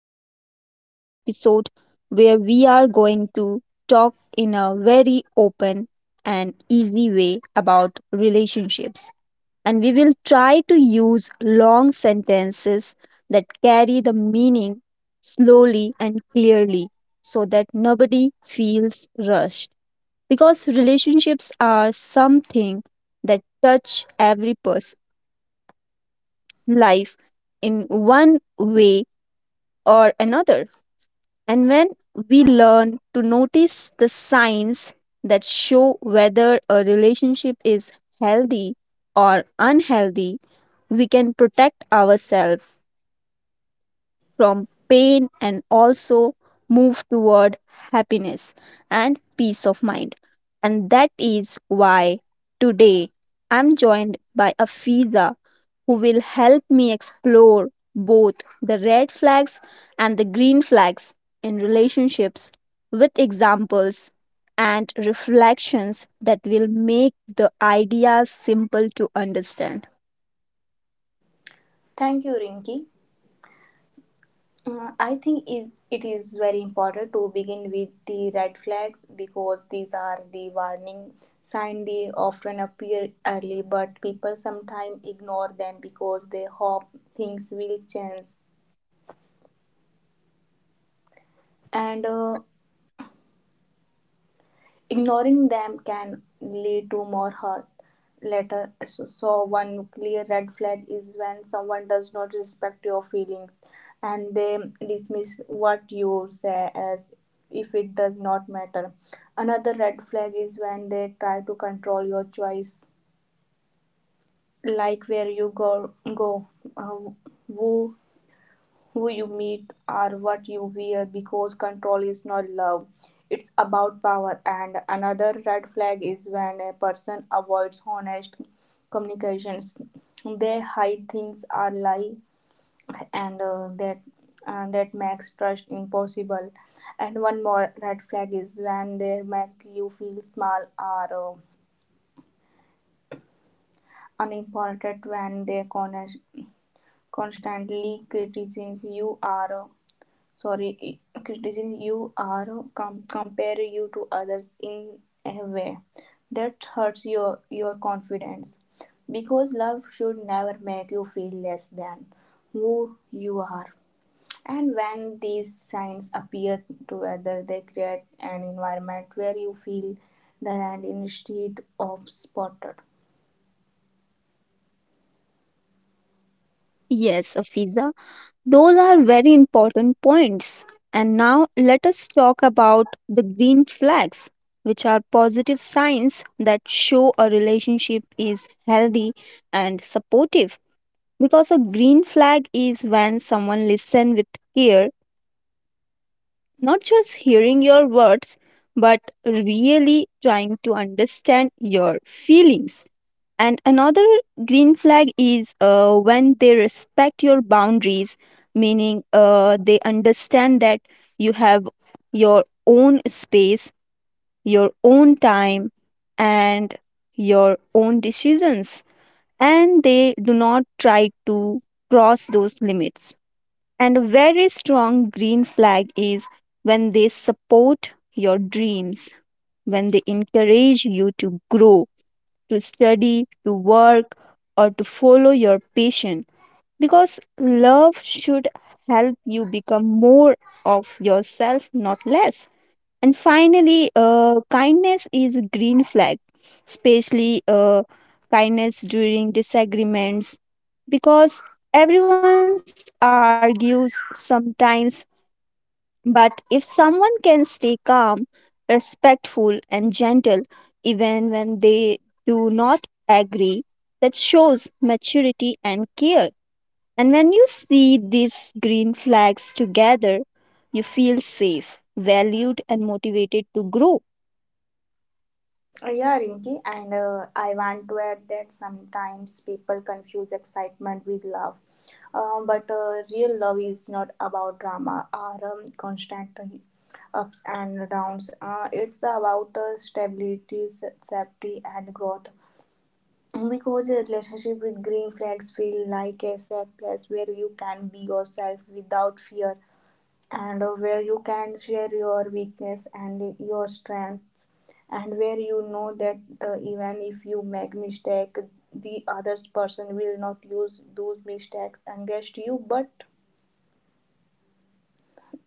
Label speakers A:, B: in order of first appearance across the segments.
A: Welcome to this episode where we are going to talk in a very open and easy way about relationships. And we will try to use long sentences that carry the meaning slowly and clearly so that nobody feels rushed. Because relationships are something that touch every person's life in one way or another. And when we learn to notice the signs that show whether a relationship is healthy or unhealthy, we can protect ourselves from pain and also move toward happiness and peace of mind. And that is why today I'm joined by Afiza, who will help me explore both the red flags and the green flags in relationships with examples and reflections that will make the ideas simple to understand.
B: Thank you, Rinki. I think it is very important to begin with the red flags because these are the warning signs. They often appear early, but people sometimes ignore them because they hope things will change. And Ignoring them can lead to more hurt later. So one clear red flag is when someone does not respect your feelings and they dismiss what you say as if it does not matter. Another red flag is when they try to control your choice, like where you go, uh, who who you meet or what you wear, because control is not love. It's about power. And another red flag is when a person avoids honest communications. They hide things or lie, and that makes trust impossible. And one more red flag is when they make you feel small or unimportant, when they constantly criticize you or criticizing you or compare you to others in a way that hurts your confidence. Because love should never make you feel less than who you are. And when these signs appear together, they create an environment where you feel that and instead of spotted.
A: Yes, Afiza, those are very important points. And now let us talk about the green flags, which are positive signs that show a relationship is healthy and supportive. Because a green flag is when someone listens with care, not just hearing your words, but really trying to understand your feelings. And another green flag is when they respect your boundaries, meaning they understand that you have your own space, your own time, and your own decisions. And they do not try to cross those limits. And a very strong green flag is when they support your dreams, when they encourage you to grow, to study, to work, or to follow your passion. Because love should help you become more of yourself, not less. And finally, kindness is a green flag, especially kindness during disagreements, because everyone argues sometimes, but if someone can stay calm, respectful, and gentle even when they do not agree, that shows maturity and care. And when you see these green flags together, you feel safe, valued, and motivated to grow.
B: Yeah, Rinki, and I want to add that sometimes people confuse excitement with love. But real love is not about drama or constant ups and downs. It's about stability, safety, and growth. Because a relationship with green flags feel like a safe place where you can be yourself without fear, and where you can share your weakness and your strengths, and where you know that even if you make mistake, the other person will not use those mistakes against you but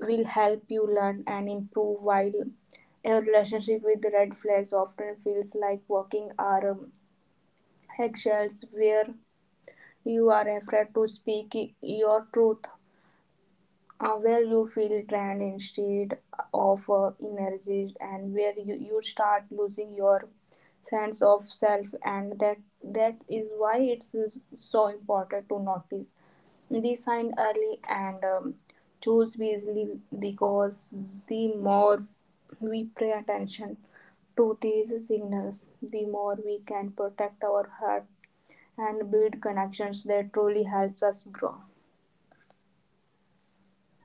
B: will help you learn and improve. While a relationship with red flags often feels like walking on eggshells, where you are afraid to speak your truth, where you feel drained instead of energized, and where you start losing your sense of self. And that is why it's so important to notice this sign early, and choose wisely, because the more we pay attention to these signals, the more we can protect our heart and build connections that truly helps us grow.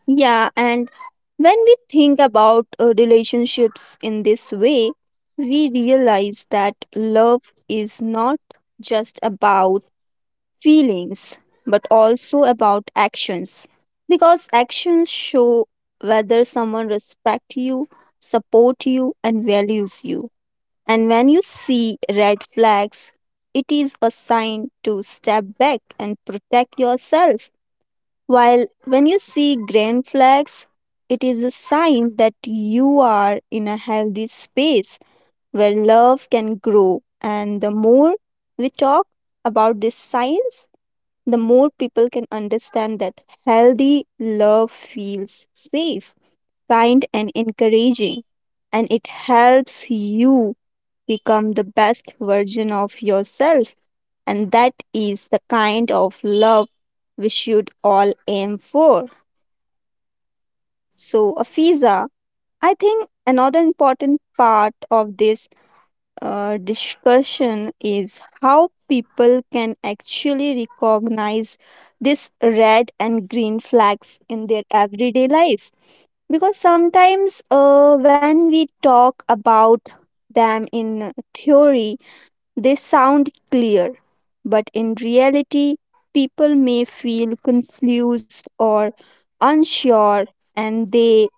A: Yeah, and when we think about relationships in this way, we realize that love is not just about feelings but also about actions, because actions show whether someone respects you, support you, and values you. And when you see red flags, it is a sign to step back and protect yourself, while when you see green flags, it is a sign that you are in a healthy space where love can grow. And the more we talk about this science, the more people can understand that healthy love feels safe, kind, and encouraging. And it helps you become the best version of yourself. And that is the kind of love we should all aim for. So, Afiza, I think another important part of this discussion is how people can actually recognize these red and green flags in their everyday life. Because sometimes when we talk about them in theory, they sound clear, but in reality, people may feel confused or unsure and they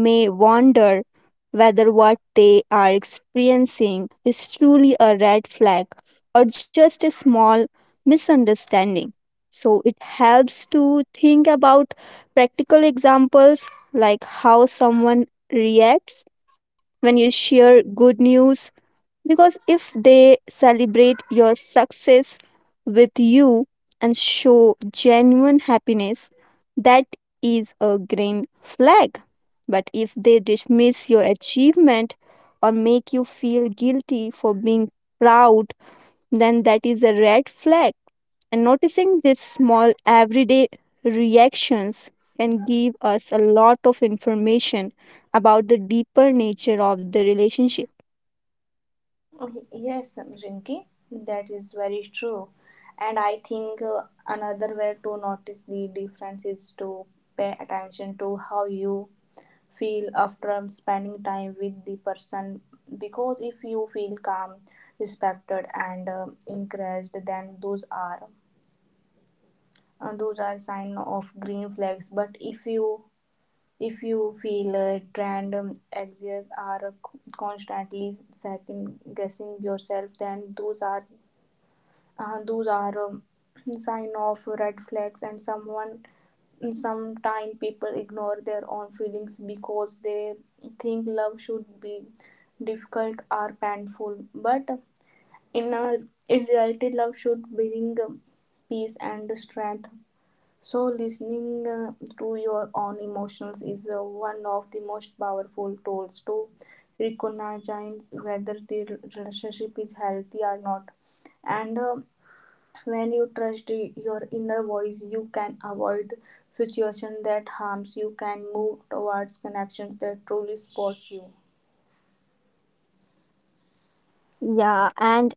A: may wonder whether what they are experiencing is truly a red flag or just a small misunderstanding. So it helps to think about practical examples, like how someone reacts when you share good news. Because if they celebrate your success with you and show genuine happiness, that is a green flag. But if they dismiss your achievement or make you feel guilty for being proud, then that is a red flag. And noticing these small everyday reactions can give us a lot of information about the deeper nature of the relationship.
B: Yes, Rinki, that is very true. And I think another way to notice the difference is to pay attention to how you feel after spending time with the person. Because if you feel calm, respected, and encouraged, then those are sign of green flags. But if you feel drained, anxious, or constantly second guessing yourself, then those are sign of red flags. And sometimes people ignore their own feelings because they think love should be difficult or painful. But in a, in reality, love should bring peace and strength. So, listening to your own emotions is one of the most powerful tools to recognize whether the relationship is healthy or not. And when you trust your inner voice, you can avoid situations that harms you, can move towards connections that truly support you.
A: Yeah, and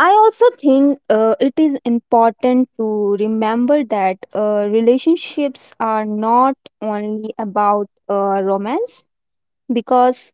A: I also think it is important to remember that relationships are not only about romance, because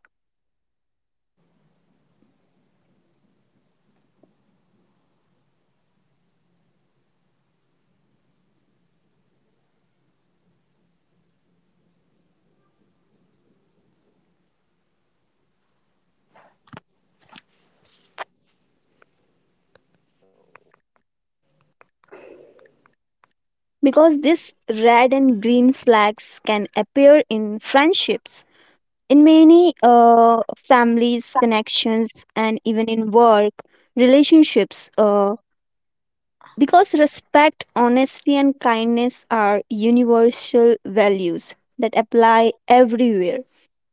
A: these red and green flags can appear in friendships, in many families, connections, and even in work relationships. Because respect, honesty, and kindness are universal values that apply everywhere.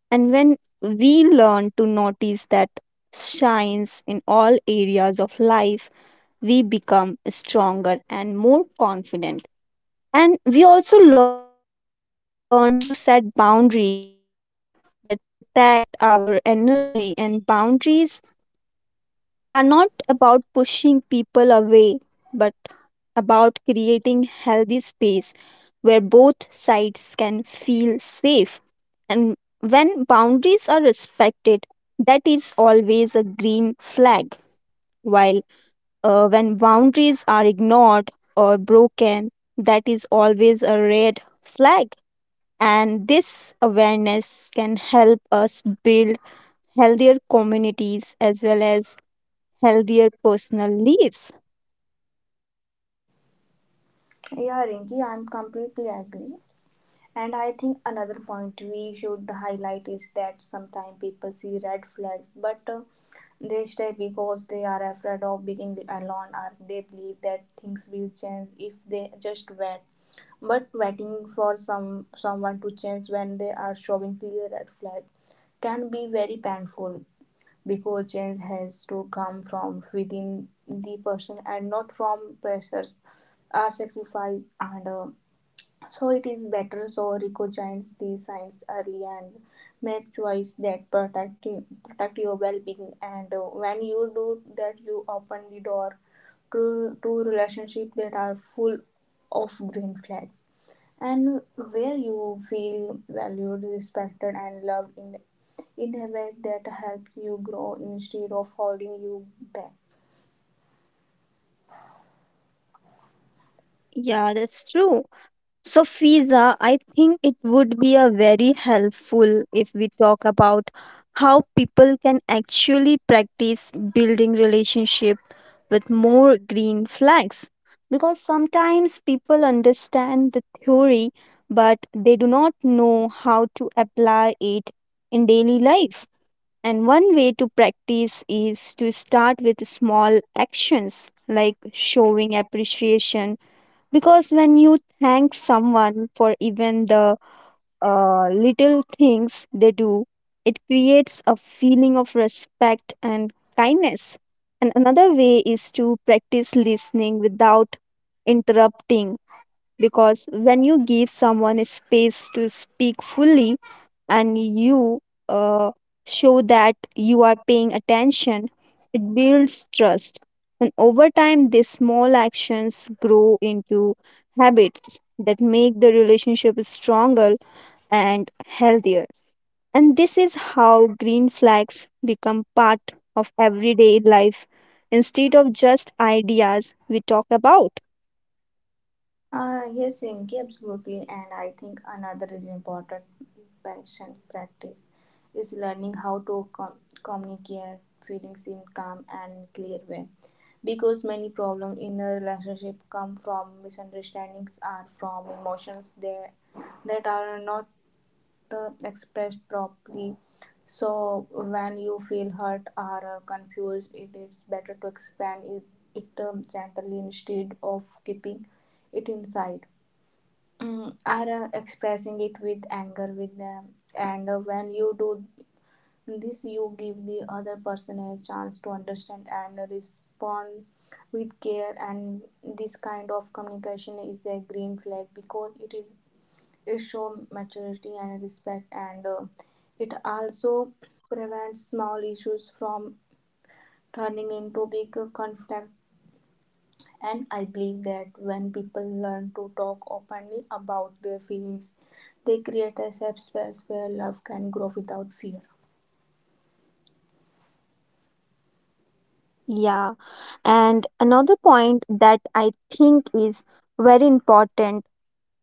A: And when we learn to notice that shines in all areas of life, we become stronger and more confident. And we also learn to set boundaries that protect our energy, and boundaries are not about pushing people away, but about creating healthy space where both sides can feel safe. And when boundaries are respected, that is always a green flag, while when boundaries are ignored or broken, that is always a red flag. And this awareness can help us build healthier communities as well as healthier personal lives.
B: Yeah, Rinki, I'm completely agree. And I think another point we should highlight is that sometimes people see red flags, but they stay because they are afraid of being alone, or they believe that things will change if they just wait. But waiting for someone to change when they are showing clear red flags can be very painful, because change has to come from within the person and not from pressures or sacrifice, and so it is better so recognize these signs early and make choice that protect you, protect your well-being. And when you do that, you open the door to relationships that are full of green flags, and where you feel valued, respected, and loved in a way that helps you grow instead of holding you back.
A: Yeah, that's true. So, Fiza, I think it would be a very helpful if we talk about how people can actually practice building relationship with more green flags. Because sometimes people understand the theory, but they do not know how to apply it in daily life. And one way to practice is to start with small actions like showing appreciation, because when you thank someone for even the little things they do, it creates a feeling of respect and kindness. And another way is to practice listening without interrupting, because when you give someone a space to speak fully and you uh, show that you are paying attention, it builds trust. And over time, these small actions grow into habits that make the relationship stronger and healthier. And this is how green flags become part of everyday life instead of just ideas we talk about.
B: Yes, Rinki, absolutely. And I think another is important passion practice is learning how to communicate feelings in calm and clear way. Because many problems in a relationship come from misunderstandings or from emotions there that are not expressed properly. So when you feel hurt or confused, it is better to expand is it gently instead of keeping it inside. Or expressing it with anger with them. And when you do this, you give the other person a chance to understand and respond with care. And this kind of communication is a green flag because it shows maturity and respect, and it also prevents small issues from turning into big conflict. And I believe that when people learn to talk openly about their feelings, they create a safe space where love can grow without fear.
A: Yeah. And another point that I think is very important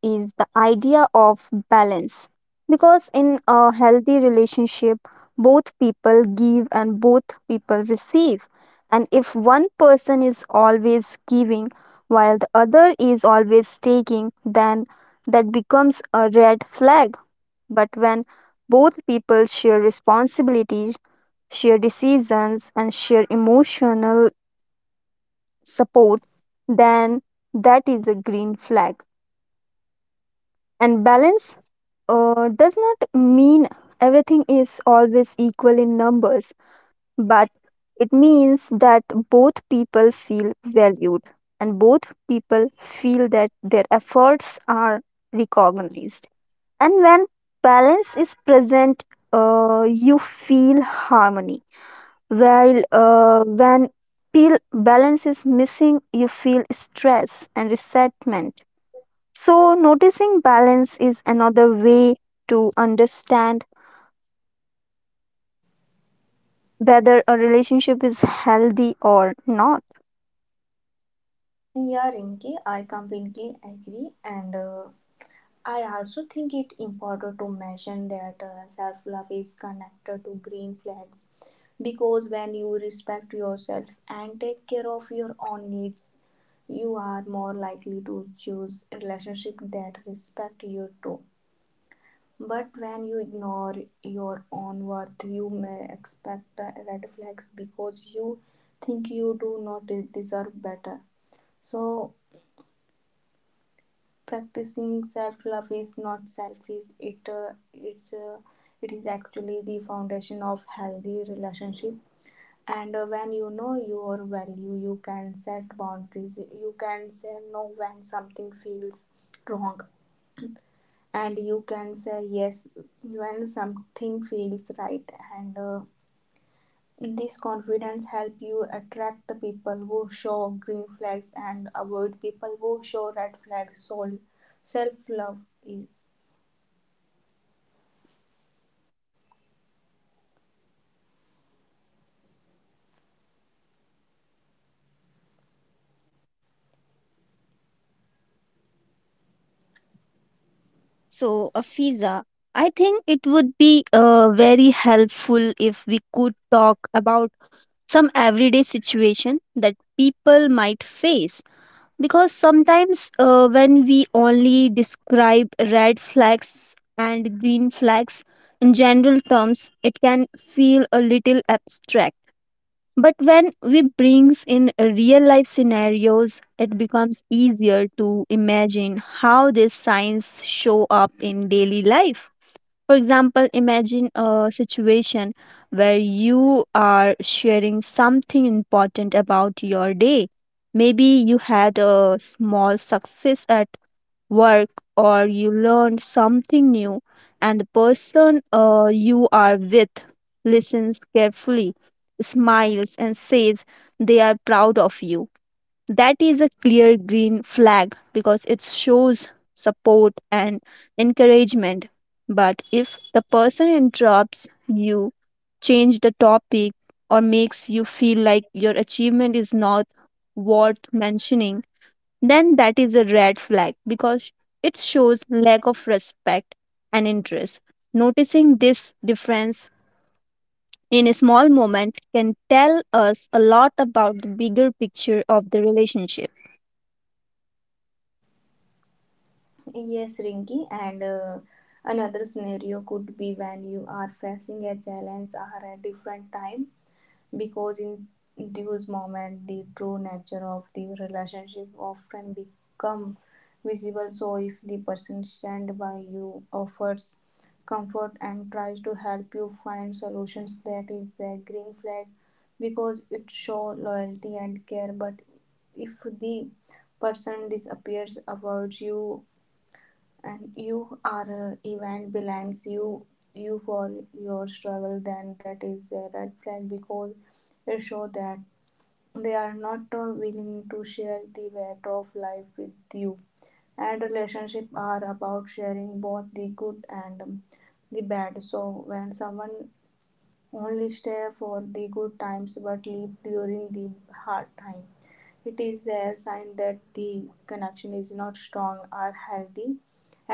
A: is the idea of balance. Because in a healthy relationship, both people give and both people receive. And if one person is always giving while the other is always taking, then that becomes a red flag. But when both people share responsibilities, share decisions, and share emotional support, then that is a green flag. And balance does not mean everything is always equal in numbers, but it means that both people feel valued and both people feel that their efforts are recognized. And when balance is present, you feel harmony. While when balance is missing, you feel stress and resentment. So, noticing balance is another way to understand whether a relationship is healthy or not.
B: Yeah, Rinki, I completely agree. And I also think it important to mention that self-love is connected to green flags, because when you respect yourself and take care of your own needs, you are more likely to choose relationships that respect you too. But when you ignore your own worth, you may expect red flags because you think you do not deserve better. So practicing self-love is not selfish. It is actually the foundation of healthy relationship. And when you know your value, you can set boundaries, you can say no when something feels wrong, and you can say yes when something feels right. And this confidence help you attract the people who show green flags and avoid people who show red flags. So self love is.
A: So, Afiza, I think it would be very helpful if we could talk about some everyday situation that people might face. Because sometimes when we only describe red flags and green flags in general terms, it can feel a little abstract. But when we brings in a real life scenarios, it becomes easier to imagine how these signs show up in daily life. For example, imagine a situation where you are sharing something important about your day. Maybe you had a small success at work or you learn something new, and the person you are with listens carefully, smiles, and says they are proud of you. That is a clear green flag, because it shows support and encouragement. But if the person interrupts you, change the topic, or makes you feel like your achievement is not worth mentioning, then that is a red flag, because it shows lack of respect and interest. Noticing this difference in a small moment can tell us a lot about the bigger picture of the relationship.
B: Yes, Rinky, and another scenario could be when you are facing a challenge or a different time, because in those moments the true nature of the relationship often become visible. So, if the person stand by you, offers comfort and tries to help you find solutions, that is a green flag, because it shows loyalty and care. But if the person disappears, avoids you, and you are event blames you for your struggle, then that is a red flag because it shows that they are not willing to share the weight of life with you. And relationships are about sharing both the good and the bad. So when someone only stay for the good times but leave during the hard time, it is a sign that the connection is not strong or healthy.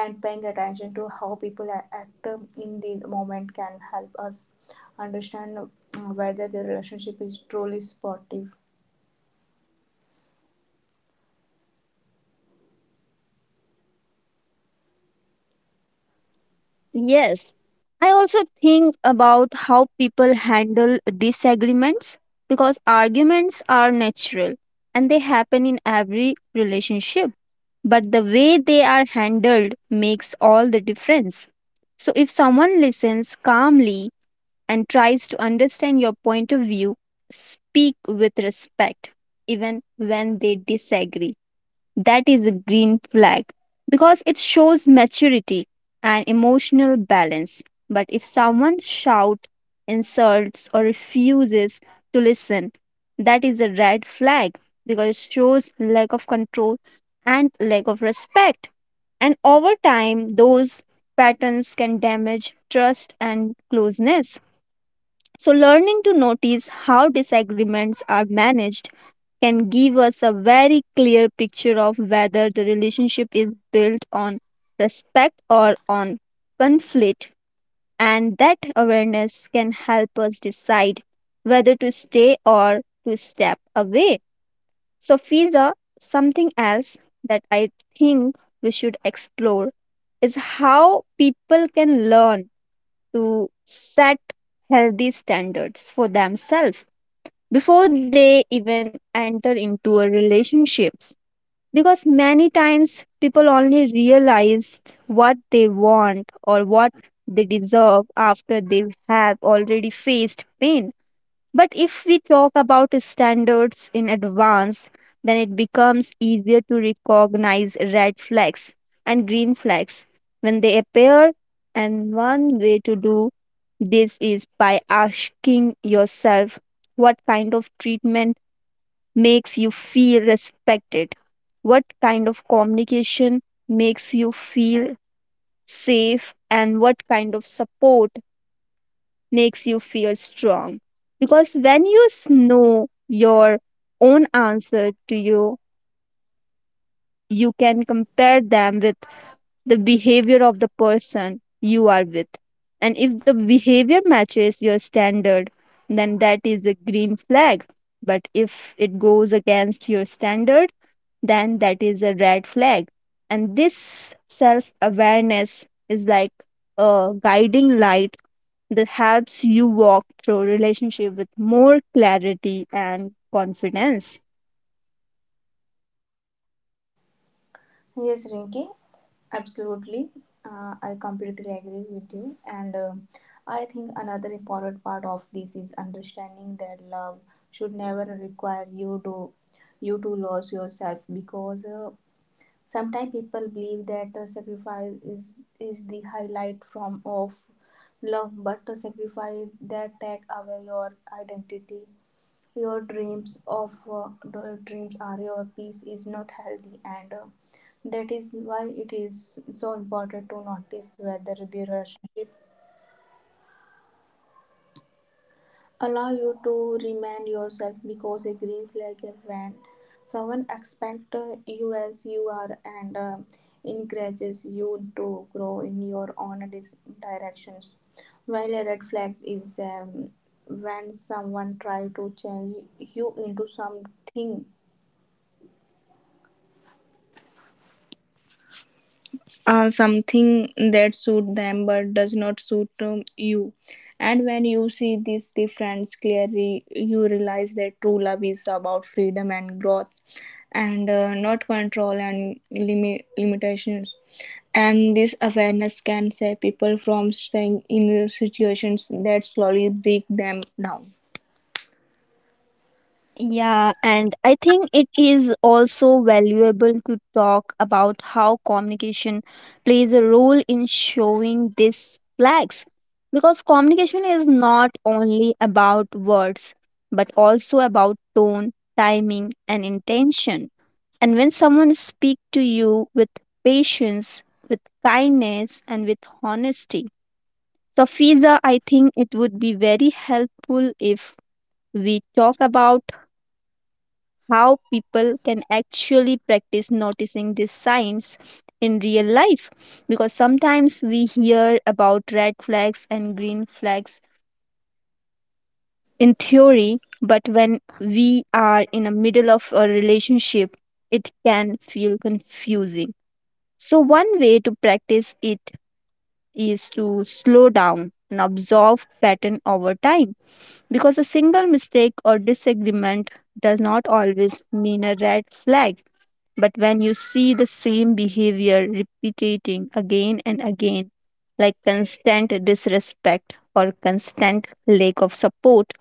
B: And paying attention to how people act in the moment can help us understand whether the relationship is truly supportive.
A: Yes, I also think about how people handle disagreements, because arguments are natural and they happen in every relationship. But the way they are handled makes all the difference. So, if someone listens calmly and tries to understand your point of view, speak with respect even when they disagree, that is a green flag, because it shows maturity and emotional balance. But if someone shouts, insults, or refuses to listen, that is a red flag, because it shows lack of control and lack of respect. And over time, those patterns can damage trust and closeness. So, learning to notice how disagreements are managed can give us a very clear picture of whether the relationship is built on respect or on conflict. And that awareness can help us decide whether to stay or to step away. So, Fiza, something else that I think we should explore is how people can learn to set healthy standards for themselves before they even enter into a relationship, because many times people only realize what they want or what they deserve after they have already faced pain. But if we talk about standards in advance, then it becomes easier to recognize red flags and green flags when they appear. And one way to do this is by asking yourself, what kind of treatment makes you feel respected? What kind of communication makes you feel safe? And what kind of support makes you feel strong? Because when you know your own answer to you, you can compare them with the behavior of the person you are with. And if the behavior matches your standard, then that is a green flag. But if it goes against your standard, then that is a red flag. And this self awareness is like a guiding light that helps you walk through relationship with more clarity and confidence.
B: Yes, Rinki, absolutely. I completely agree with you. And I think another important part of this is understanding that love should never require you to lose yourself, because sometimes people believe that sacrifice is the highlight from of love, but a sacrifice that take away your identity, your dreams are your peace is not healthy, and that is why it is so important to notice whether the rush allow you to remind yourself, because a green flag is when someone expects you as you are, and encourages you to grow in your own directions, while a red flag is when someone tries to change you into something something that suit them but does not suit you. And when you see this difference clearly, you realize that true love is about freedom and growth, and not control and limitations. And this awareness can save people from staying in situations that slowly break them down.
A: Yeah, and I think it is also valuable to talk about how communication plays a role in showing these flags. Because communication is not only about words, but also about tone, timing, and intention. And when someone speaks to you with patience, with kindness, and with honesty. So, Fiza, I think it would be very helpful if we talk about how people can actually practice noticing these signs in real life. Because sometimes we hear about red flags and green flags in theory, but when we are in the middle of a relationship, it can feel confusing. So one way to practice it is to slow down and observe pattern over time, because a single mistake or disagreement does not always mean a red flag. But when you see the same behavior repeating again and again, like constant disrespect or constant lack of support,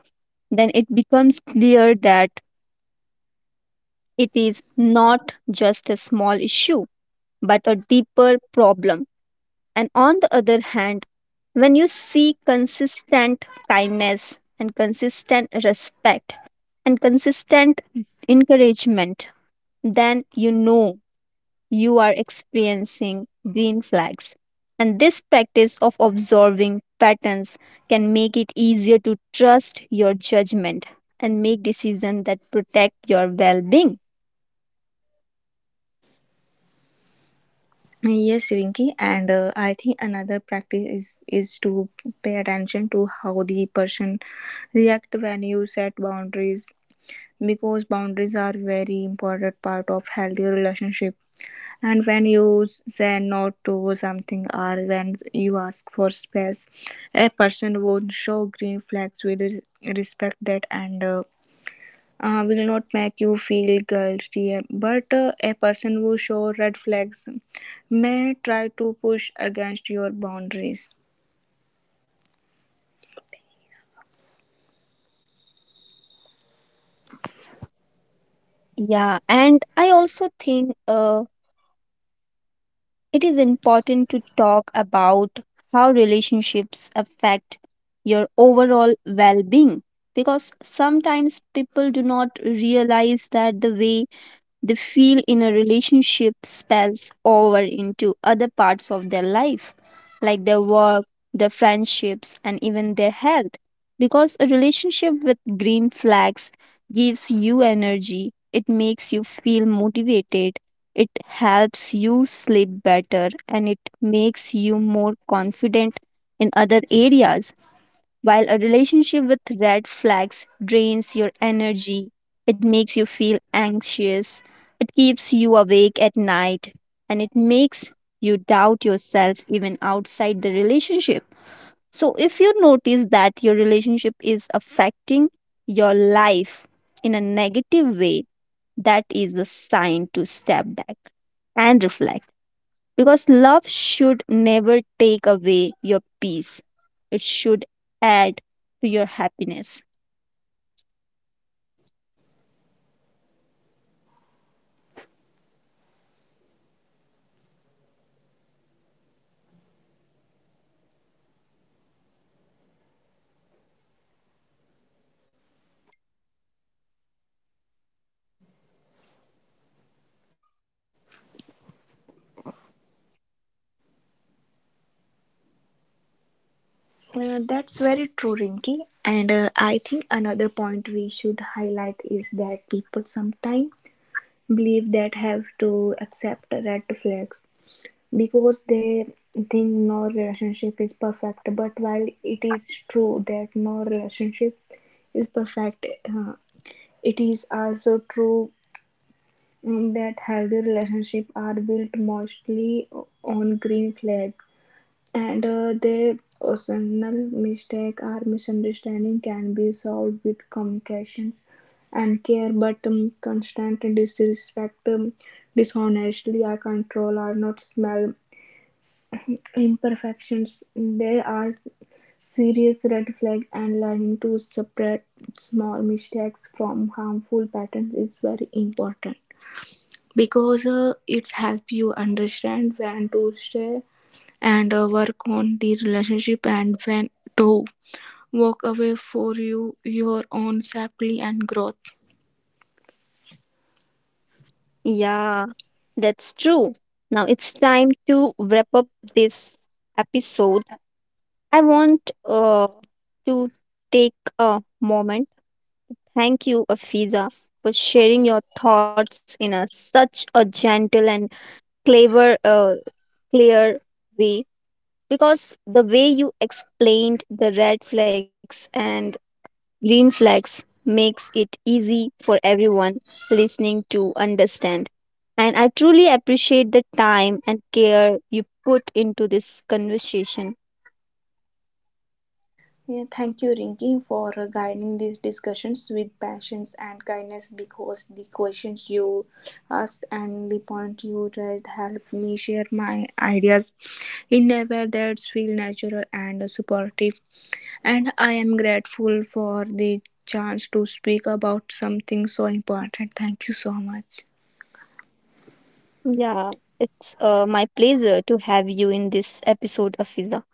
A: then it becomes clear that it is not just a small issue, but a deeper problem. And on the other hand, when you see consistent kindness and consistent respect and consistent encouragement, then you know you are experiencing green flags. And this practice of observing patterns can make it easier to trust your judgment and make decisions that protect your well being.
B: Yes, Rinki, and I think another practice is to pay attention to how the person react when you set boundaries, because boundaries are very important part of healthy relationship. And when you say no to something or when you ask for space, a person won't show green flags with respect that, and will not make you feel guilty. But a person who shows red flags may try to push against your boundaries.
A: Yeah, and I also think it is important to talk about how relationships affect your overall well being, because sometimes people do not realize that the way they feel in a relationship spells over into other parts of their life, like their work, their friendships, and even their health. Because a relationship with green flags gives you energy, it makes you feel motivated, it helps you sleep better, and it makes you more confident in other areas. While a relationship with red flags drains your energy, it makes you feel anxious, it keeps you awake at night, and it makes you doubt yourself even outside the relationship. So, if you notice that your relationship is affecting your life in a negative way, that is a sign to step back and reflect. Because love should never take away your peace, it should add to your happiness.
B: That's very true, Rinki. And I think another point we should highlight is that people sometimes believe that have to accept red flags because they think no relationship is perfect. But while it is true that no relationship is perfect, it is also true that healthy relationships are built mostly on green flag, and their occasional mistake or misunderstanding can be solved with communication and care. But constant disrespect, dishonesty or control are not small imperfections, they are serious red flag. And learning to separate small mistakes from harmful patterns is very important, because it's help you understand when to stay and work on the relationship, and when to walk away for your own safety and growth.
A: Yeah, that's true. Now it's time to wrap up this episode. I want to take a moment. Thank you, Afiza, for sharing your thoughts in a such a gentle and clever, uh, clear way. Because the way you explained the red flags and green flags makes it easy for everyone listening to understand. And I truly appreciate the time and care you put into this conversation.
B: Yeah, thank you, Rinki, for guiding these discussions with patience and kindness, because the questions you asked and the point you raised helped me share my ideas in a way that feels natural and supportive. And I am grateful for the chance to speak about something so important. Thank you so much.
A: Yeah, it's my pleasure to have you in this episode of Fiza.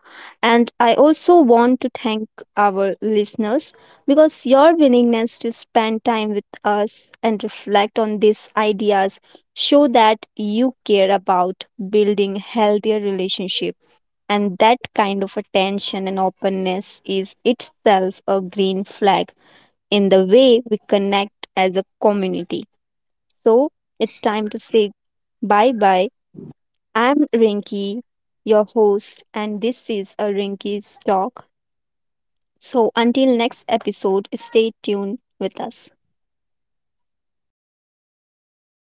A: And I also want to thank our listeners, because your willingness to spend time with us and reflect on these ideas show that you care about building healthier relationships, and that kind of attention and openness is itself a green flag in the way we connect as a community. So, it's time to say bye bye. I'm Rinky, your host, and this is a Rinky's talk. So until next episode, stay tuned with us.